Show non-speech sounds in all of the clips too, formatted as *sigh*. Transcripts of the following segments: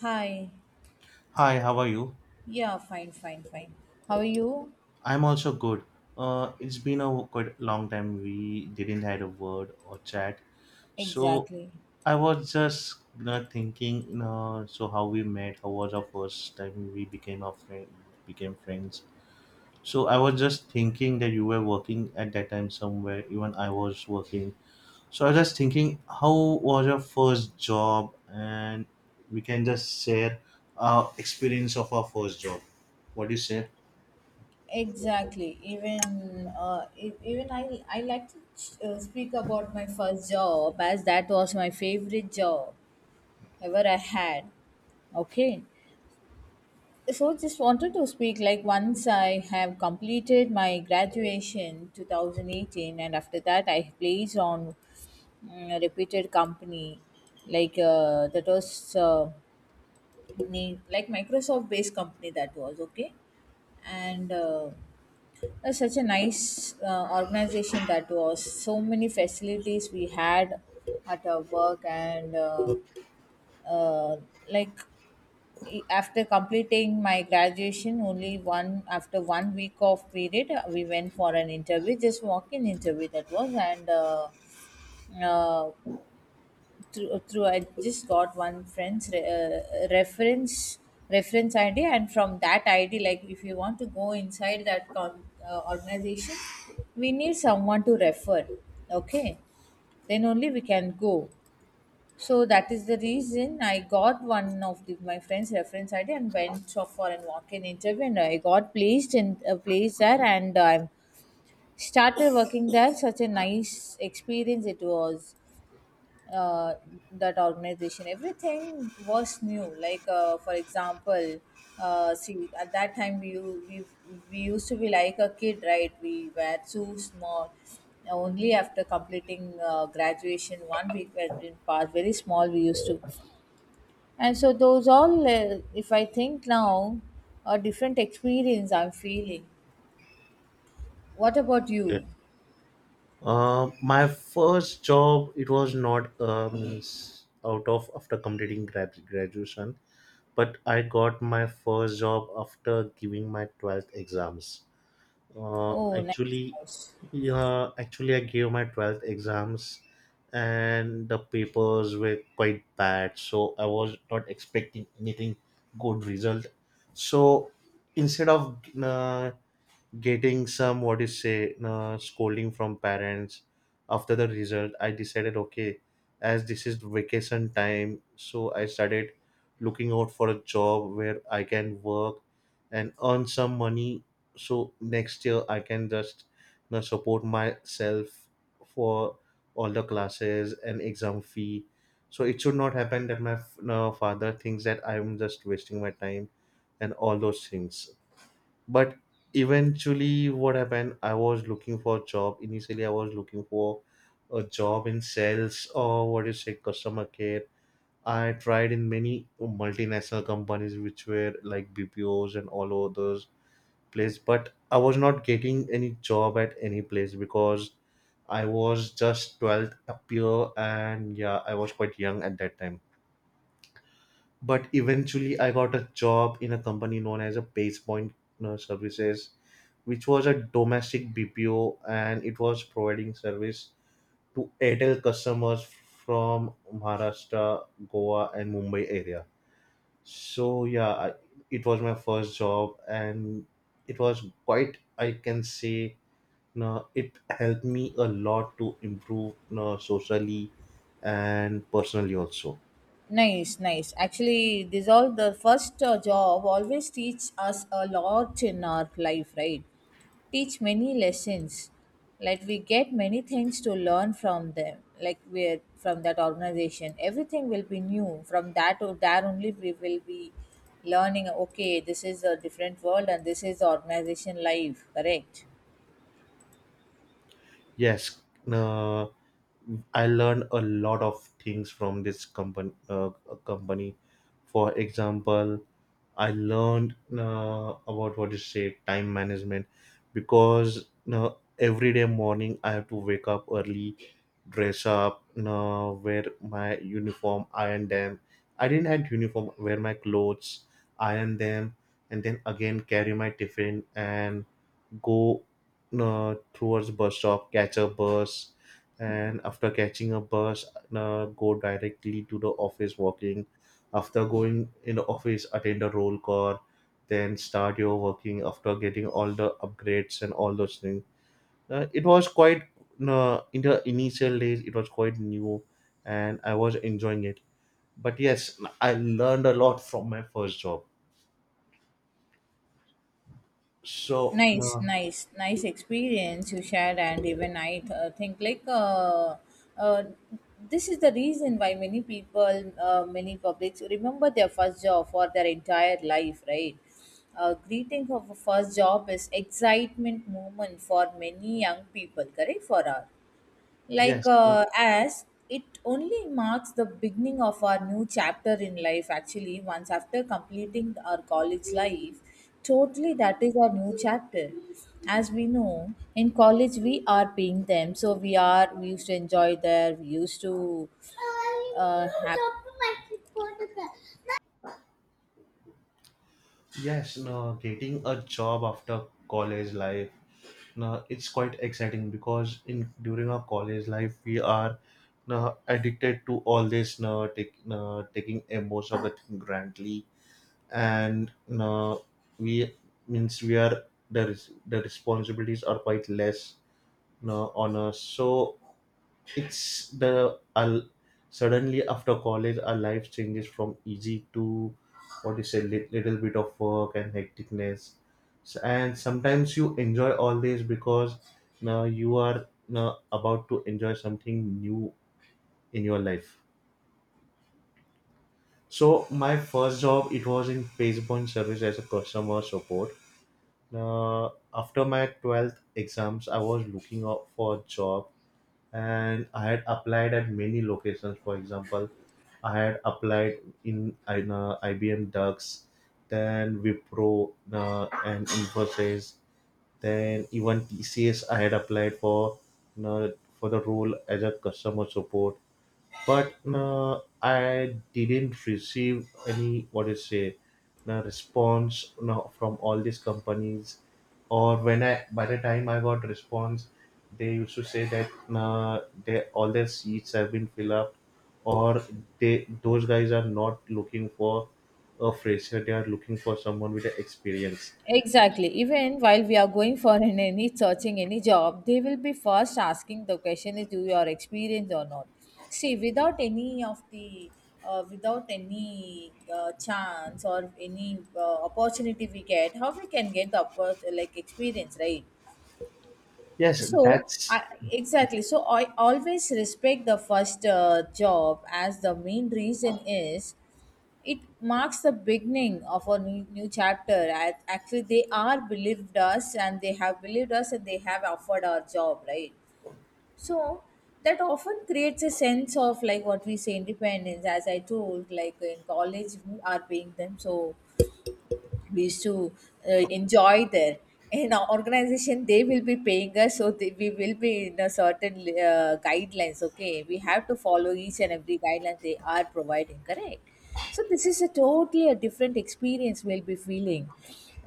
Hi. Hi, how are you? Yeah, fine, fine, fine. How are you? I'm also good. It's been a quite long time we didn't had a word or chat. So Exactly. I was just thinking, so how we met, how was our first time we became our friend, became friends. So I was just thinking that you were working at that time somewhere, even I was working. So I was just thinking, how was your first job? And we can just share our experience of our first job. What do you say? Exactly. Even even I like to speak about my first job, as that was my favorite job ever I had. Okay. So just wanted to speak, like, once I have completed my graduation 2018, and after that I placed on a reputed company, like that was company, like Microsoft based company. That was okay. And that's such a nice organization. That was so many facilities we had at our work. And uh, like, after completing my graduation, only one after 1 week of period we went for an interview, just walk in interview that was. And uh, through, I just got one friend's reference ID, and from that ID, like, if you want to go inside that organization, we need someone to refer. Okay, then only we can go. So that is the reason I got one of the, my friend's reference ID and went for an walk-in interview, and I got placed in a place there, and I started working there. Such a nice experience it was. uh, that organization, everything was new, like for example, see, at that time we, we used to be like a kid, right? We were too small, only after completing graduation 1 week we had been passed, very small we used to. And so those all, if I think now, a different experience I'm feeling. What about you? My first job it was not means out of after completing graduation, but I got my first job after giving my 12th exams. Uh, Oh, nice actually, house. yeah, actually I gave my 12th exams, and the papers were quite bad, so I was not expecting anything good result. So instead of getting some what is say scolding from parents after the result, I decided okay, as this is vacation time, so I started looking out for a job where I can work and earn some money, so next year I can just support myself for all the classes and exam fee, so it should not happen that my f- no, father thinks that I'm just wasting my time and all those things. But eventually what happened, I was looking for a job. Initially, I was looking for a job in sales or what do you say, customer care. I tried in many multinational companies which were like bpos and all over those place, but I was not getting any job at any place because I was just 12th up here and yeah, I was quite young at that time. But eventually I got a job in a company known as a base point services, which was a domestic bpo, and it was providing service to airtel customers from maharashtra, goa and mumbai area. So it was my first job, and it was quite, I can say, no, it helped me a lot to improve, no, socially and personally also. Nice, nice. Actually, this all the first job always teach us a lot in our life, right? Teach many lessons. Like, we get many things to learn from them. Like, we're from that organization, everything will be new. From that or there only we will be learning. Okay, this is a different world and this is organization life. Correct. Yes no. I learned a lot of things from this company. Company, for example, I learned about what you say, time management, because every day morning I have to wake up early, dress up, wear my uniform, iron them. I didn't have uniform. Wear my clothes, iron them, and then again carry my tiffin and go towards bus stop, catch a bus, and after catching a bus, go directly to the office walking. After going in the office, attend a roll call, then start your working after getting all the upgrades and all those things. It was quite in the initial days. It was quite new, and I was enjoying it. But yes, I learned a lot from my first job. So Nice, uh, nice, nice experience you shared. And even I think, like, uh, this is the reason why many people, many publics, remember their first job for their entire life, right? Greeting of a first job is excitement moment for many young people, correct, for us. Like yes, as it only marks the beginning of our new chapter in life, actually once after completing our college life. Totally, that is our new chapter. As we know, in college we are being them, so we used to enjoy there. We used to have. Yes, no, getting a job after college life, no, it's quite exciting because in during our college life we are, no, addicted to all this, no, take, no, taking a most of the thing grantly and no, we means we are, the responsibilities are quite less, no, on us. So it's the al suddenly after college, our life changes from easy to what you say, little bit of work and hecticness. And sometimes you enjoy all this because now you are now about to enjoy something new in your life. So my first job it was in Pacepoint service as a customer support. Uh, After my 12th exams, I was looking out for a job, and I had applied at many locations. For example, I had applied in IBM Ducks, then Wipro and Infosys, then even TCS. I had applied for you for the role as a customer support, but I didn't receive any, what do you say, no response, no, from all these companies. Or when I by the time I got response, they used to say that they, all their seats have been filled up, or they, those guys are not looking for a fresher, they are looking for someone with the experience. Exactly. Even while we are going for *laughs* an any searching any job, they will be first asking the question is, do you are experienced or not? See, without any of the without any chance or any opportunity we get, how we can get the like experience, right? yes So, that's I, exactly. So, I always respect the first job, as the main reason is it marks the beginning of a new, new chapter. Actually, they have believed us and they have offered our job, right? So that often creates a sense of, like, what we say, independence. As I told, like, in college we are paying them, so we used to uh, enjoy there. In our organization they will be paying us, so they, we will be in a certain guidelines. Okay, we have to follow each and every guideline they are providing, correct? So this is a totally a different experience we'll be feeling,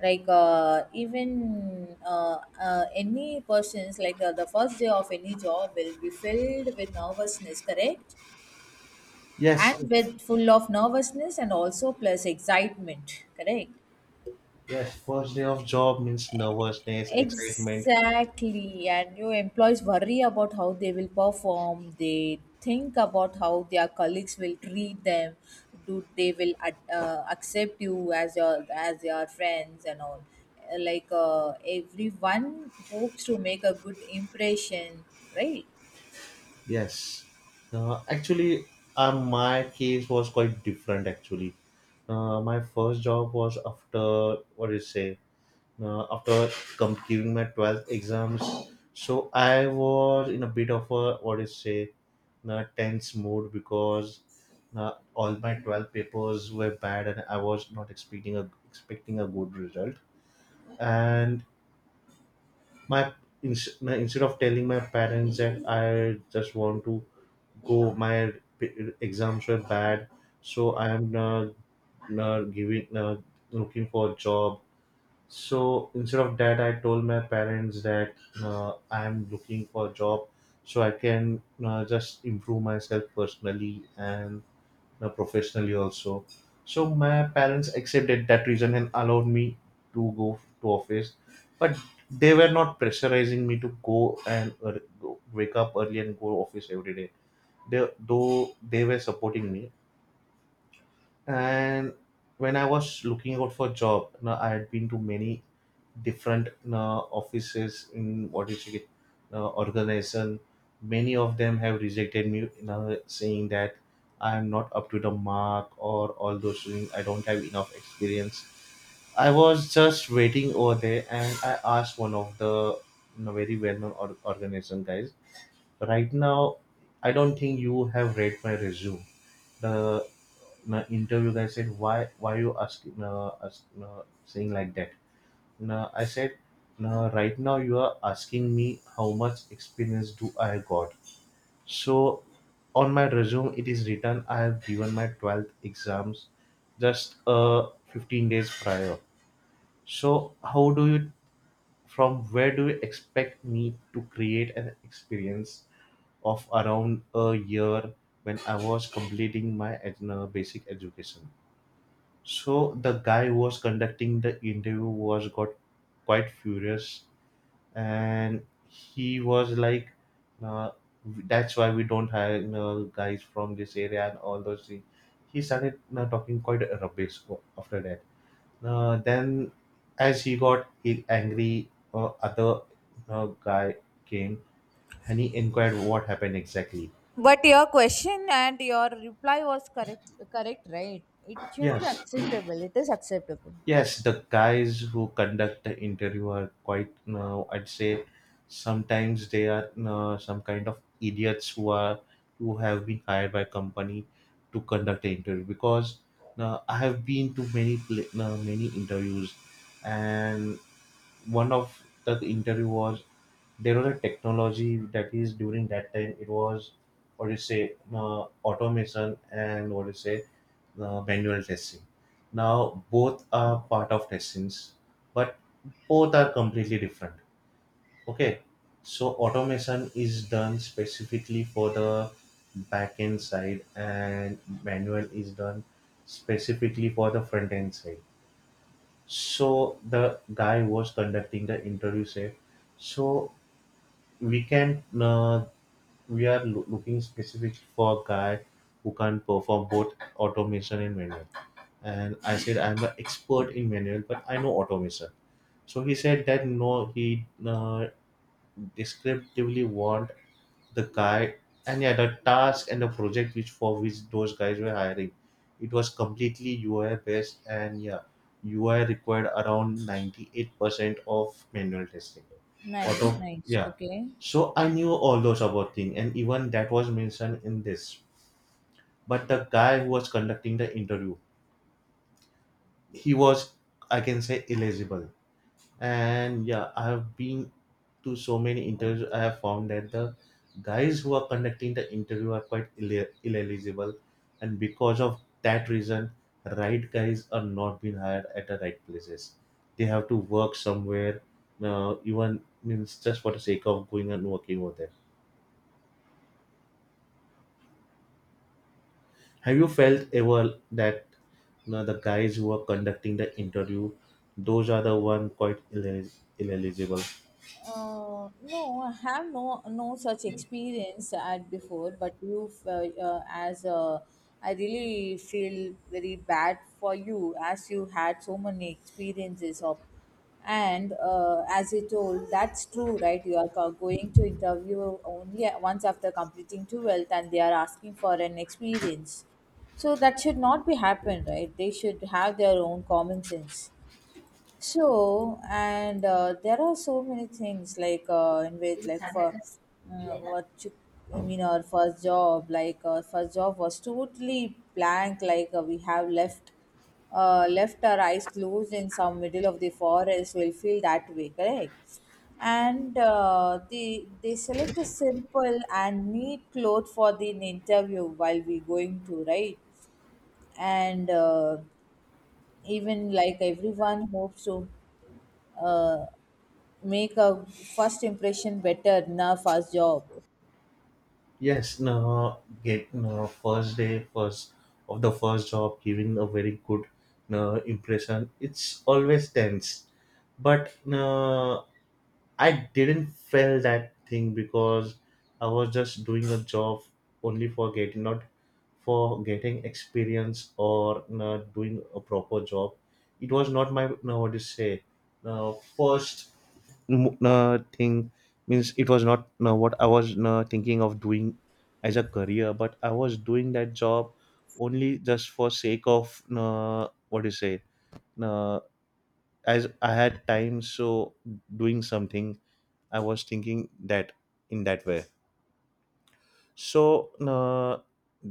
like even any persons, like the first day of any job will be filled with nervousness, correct? And yes. with full of nervousness and also plus excitement, correct? Yes, first day of job means nervousness, excitement. Exactly, and your employees worry about how they will perform. They think about how their colleagues will treat them. Do they will accept you as your as their friends and all? Like, everyone hopes to make a good impression, right? Yes. Uh, actually, my case was quite different. Actually, my first job was after what do you say? After completing my 12th exams, so I was in a bit of a what do you say, tense mood, because all my 12 papers were bad, and I was not expecting a expecting a good result. And my, ins- my instead of telling my parents that I just want to go, my exams were bad, so I am giving looking for a job. So instead of that, I told my parents that I am looking for a job so I can just improve myself personally and professionally also. So my parents accepted that reason and allowed me to go to office. But they were not pressurizing me to go and wake up early and go office every day. Though they were supporting me. And when I was looking out for job, I had been to many different, offices in what is it, organization. Many of them have rejected me, saying that I am not up to the mark or all those things, I don't have enough experience. I was just waiting over there, and I asked one of the, very well-known organization guys, right now I don't think you have read my resume. The my interview guy said, why you asking, saying like that? No I said, no right now you are asking me how much experience do I got. So on my resume it is written I have given my 12th exams just 15 days prior. So how do you, from where do you expect me to create an experience of around a year when I was completing my basic education? So the guy who was conducting the interview was got quite furious, and he was like, uh, "That's why we don't hire guys from this area and all those things." He started talking quite rubbish after that. Then, as he got angry, other guy came, and he inquired what happened exactly. But your question and your reply was correct, correct, right? It should be Yes. acceptable. It is acceptable. Yes, the guys who conduct the interview are quite, no, I'd say sometimes they are, no, some kind of idiots who are, who have been hired by company to conduct the interview, because, no, I have been to many pla- no, many interviews, and one of the interview was, there was a technology that is during that time it was what do you say, no, automation and what do you say manual testing. Now, both are part of testings, but both are completely different. Okay, so automation is done specifically for the back end side, and manual is done specifically for the front end side. So the guy was conducting the interview said, so we can we are looking specifically for a guy who can perform both automation and manual. And I said, I'm the expert in manual, but I know automation. So he said that no, he descriptively want the guy. And yeah, the task and the project which for which those guys were hiring, it was completely UI based, and yeah, UI required around 98% of manual testing. Nice, nice. Yeah. Okay. So I knew all those about thing, and even that was mentioned in this. But the guy who was conducting the interview, he was, I can say, eligible. And yeah, I have been to so many interviews, I have found that the guys who are conducting the interview are quite ineligible, and because of that reason right guys are not being hired at the right places. They have to work somewhere, even means just for the sake of going and working over there. Have you felt ever that, the guys who are conducting the interview, those are the one quite ineligible? No, I have no no such experience at before. But you, as I really feel very bad for you, as you had so many experiences of. And as you told, that's true, right? You are going to interview only once after completing 12th, and they are asking for an experience. So that should not be happen, right? They should have their own common sense. So, and there are so many things, like in which, like, for mm, what you, I mean, our first job, like our first job was totally blank. Like we have left our eyes closed in some middle of the forest, will feel that way, correct? And they select a simple and neat cloth for the interview while we going to, right? And even, like, everyone hopes to uh, make a first impression better in a first job. Yes, no, get no first day, first of the first job, giving a very good, no impression, it's always tense. But I didn't feel that thing, because I was just doing a job only for getting, not for getting experience or, no, doing a proper job. It was not my, what to say, no first m- thing, means it was not what I was thinking of doing as a career. But I was doing that job only just for sake of, what do you say, uh, as I had time, so doing something, I was thinking that in that way. so, uh,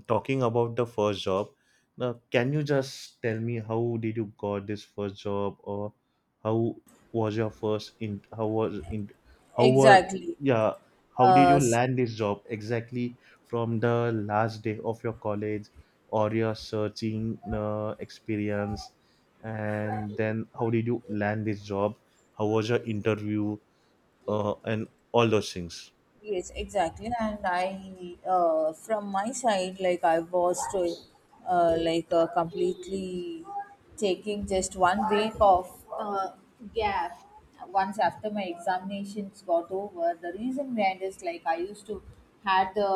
Talking about the first job, now can you just tell me how did you got this first job, or how was your first in? How was in? How were Exactly. yeah? How did Uh, you s- land this job exactly from the last day of your college or your searching experience, and then how did you land this job? How was your interview, and all those things? yes, exactly. And I, from my side, like, I was to, completely taking just 1 week of gap once after my examinations got over. The reason behind is, like, I used to had the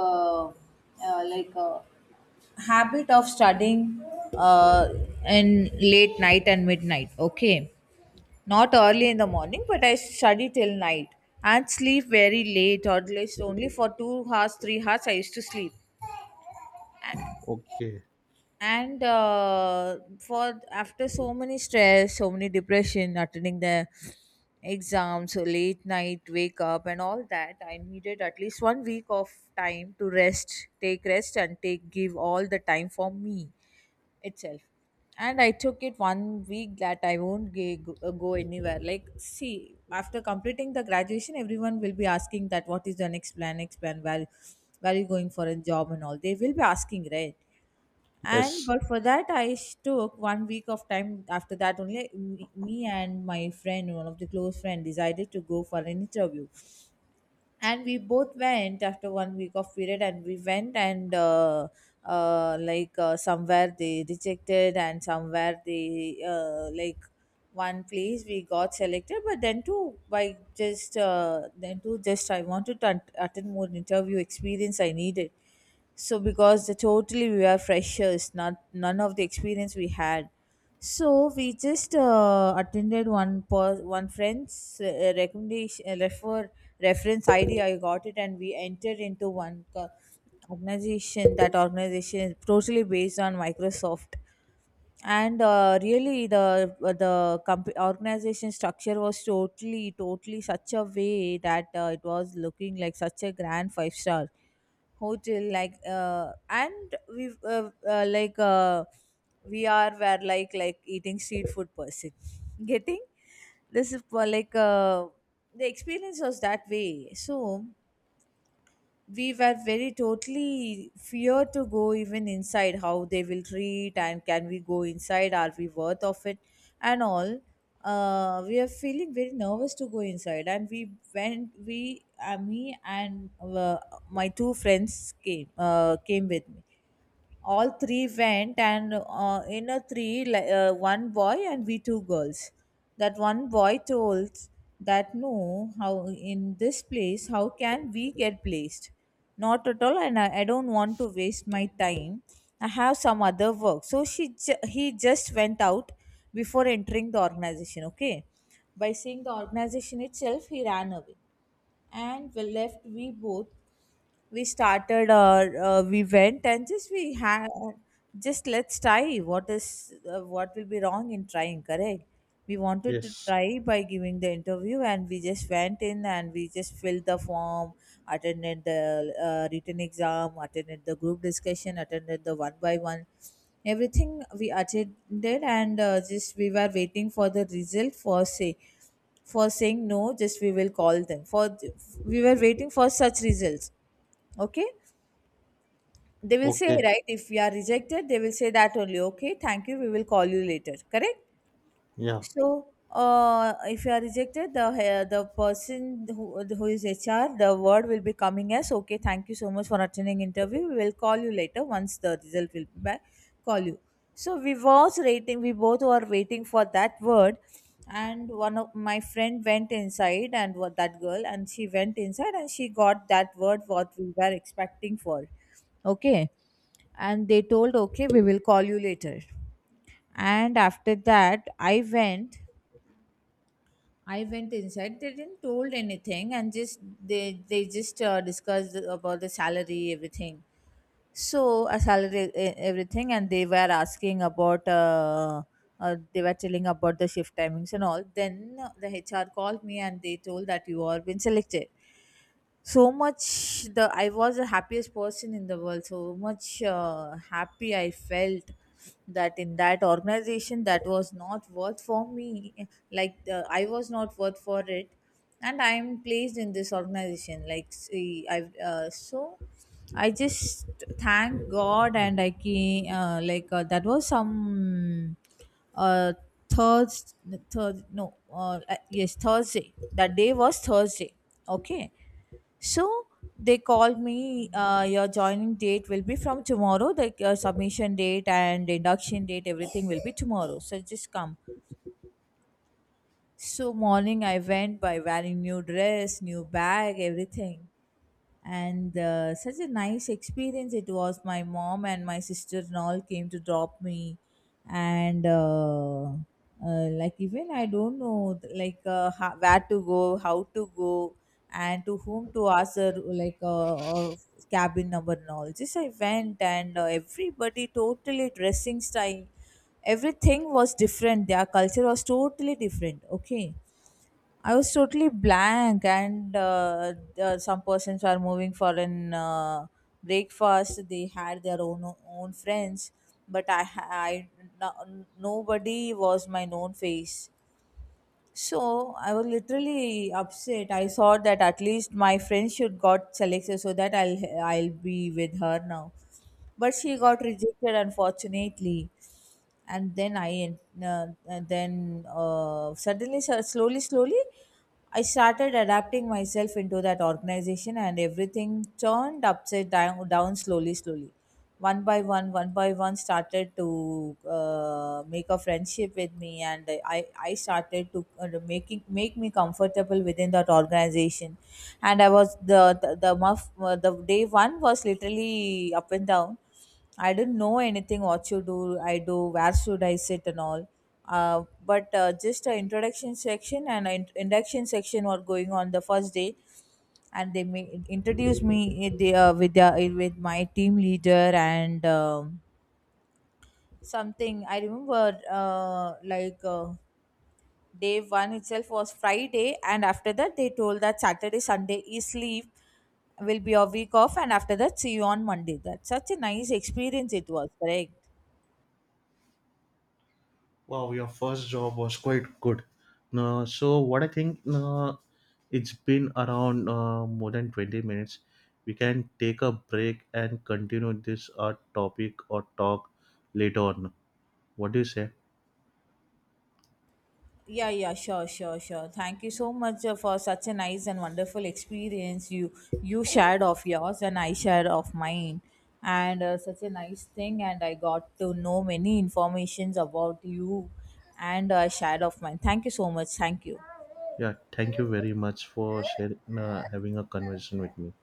uh, like uh, habit of studying uh, in late night and midnight. Okay, not early in the morning, but I study till night and sleep very late, or at least only for 2 hours, 3 hours I used to sleep. Okay. And for after so many stress, so many depression, attending the exams, so late night wake up and all that, I needed at least 1 week of time to rest, take rest and take give all the time for me itself. And I took it 1 week, that I won't go anywhere. Like, see, after completing the graduation, everyone will be asking that, what is your next plan, next plan, where are you going for a job and all, they will be asking, right? And Yes. but for that I took 1 week of time. After that, only me, me and my friend, one of the close friend, decided to go for an interview. And we both went after 1 week of period, and we went. And somewhere they rejected, and somewhere they like, one place we got selected. But then too, by just then too, just I wanted to attend more interview, experience I needed. So, because the totally we were freshers, not none of the experience we had. So we just attended one one friend's recommendation, reference ID. I got it, and we entered into one organization. That organization is totally based on Microsoft. And really, the organization structure was totally totally such a way that it was looking like such a grand five-star hotel. Like and we like we are were like eating street food person *laughs* getting. This is for, like the experience was that way. So we were very totally fear to go even inside, how they will treat, and can we go inside, are we worth of it and all. We are feeling very nervous to go inside. And we went, we me and my two friends came, came with me. All three went. And in a three, one boy and we two girls, that one boy told that, no, how in this place how can we get placed, not at all, and I don't want to waste my time, I have some other work. So he just went out before entering the organization. Okay, by seeing the organization itself he ran away. And we left, we both, we started our we went, and just we had, just, let's try, what is what will be wrong in trying, correct? We wanted to Yes. try by giving the interview, and we just went in and we just filled the form, attended the written exam, attended the group discussion, attended the one by one, everything we attended. And just we were waiting for the result, for say, for saying no, just we will call them for, we were waiting for such results. Okay, they will say, Okay, right, if we are rejected they will say that only, okay, thank you, we will call you later, correct? yeah. So, if you are rejected, the person who is HR, the word will be coming as, okay, thank you so much for attending interview, we will call you later once the result will be back, call you. So we was waiting, we both were waiting for that word. And one of my friend went inside, and that girl, and she went inside, and she got that word what we were expecting for. Okay, and they told okay, we will call you later, and after that I went. I went inside, they didn't told anything and just they just discussed about the salary everything. So a salary everything, and they were asking about they were telling about the shift timings and all. Then the HR called me and they told that you are been selected. So much, the I was the happiest person in the world. So much happy I felt that in that organization that was not worth for me, like the, I was not worth for it, and I am placed in this organization. Like, see, I so I just thank god. And I can like that was some uh Thursday, third, no, yes, Thursday. That day was Thursday. Okay, so they called me, your joining date will be from tomorrow, like your submission date and induction date, everything will be tomorrow. So just come. So morning I went by wearing new dress, new bag, everything. And such a nice experience it was. My mom and my sister and all came to drop me. And like even I don't know, like, where to go, how to go, and to whom to ask her, like a cabin number and all. Just I went, and everybody, totally dressing style, everything was different. Their culture was totally different. Okay, I was totally blank. And some persons were moving for an breakfast. They had their own friends, but I, no, nobody was my known face. So I was literally upset. I thought that at least my friend should got selected, so that I'll be with her now. But she got rejected, unfortunately. And then and then suddenly, slowly slowly I started adapting myself into that organization, and everything turned upside down, down, slowly, slowly. One by one, started to make a friendship with me, and I started to making make me comfortable within that organization. And I was the day one was literally up and down. I didn't know anything, what you do, I do, where should I sit and all. But just an introduction section and an induction section were going on the first day, and they introduced me in with my team leader and something. I remember day one itself was Friday, and after that they told that Saturday, Sunday is leave, will be a week off, and after that see you on Monday. That's such a nice experience it was, correct? Wow, your first job was quite good. So what I think, it's been around more than 20 minutes. We can take a break and continue this topic or talk later on. What do you say? Yeah, yeah, sure, sure, sure. Thank you so much for such a nice and wonderful experience. You shared of yours and I shared of mine, and such a nice thing. And I got to know many informations about you, and I shared of mine. Thank you so much. Thank you. Yeah, thank you very much for sharing, having a conversation with me.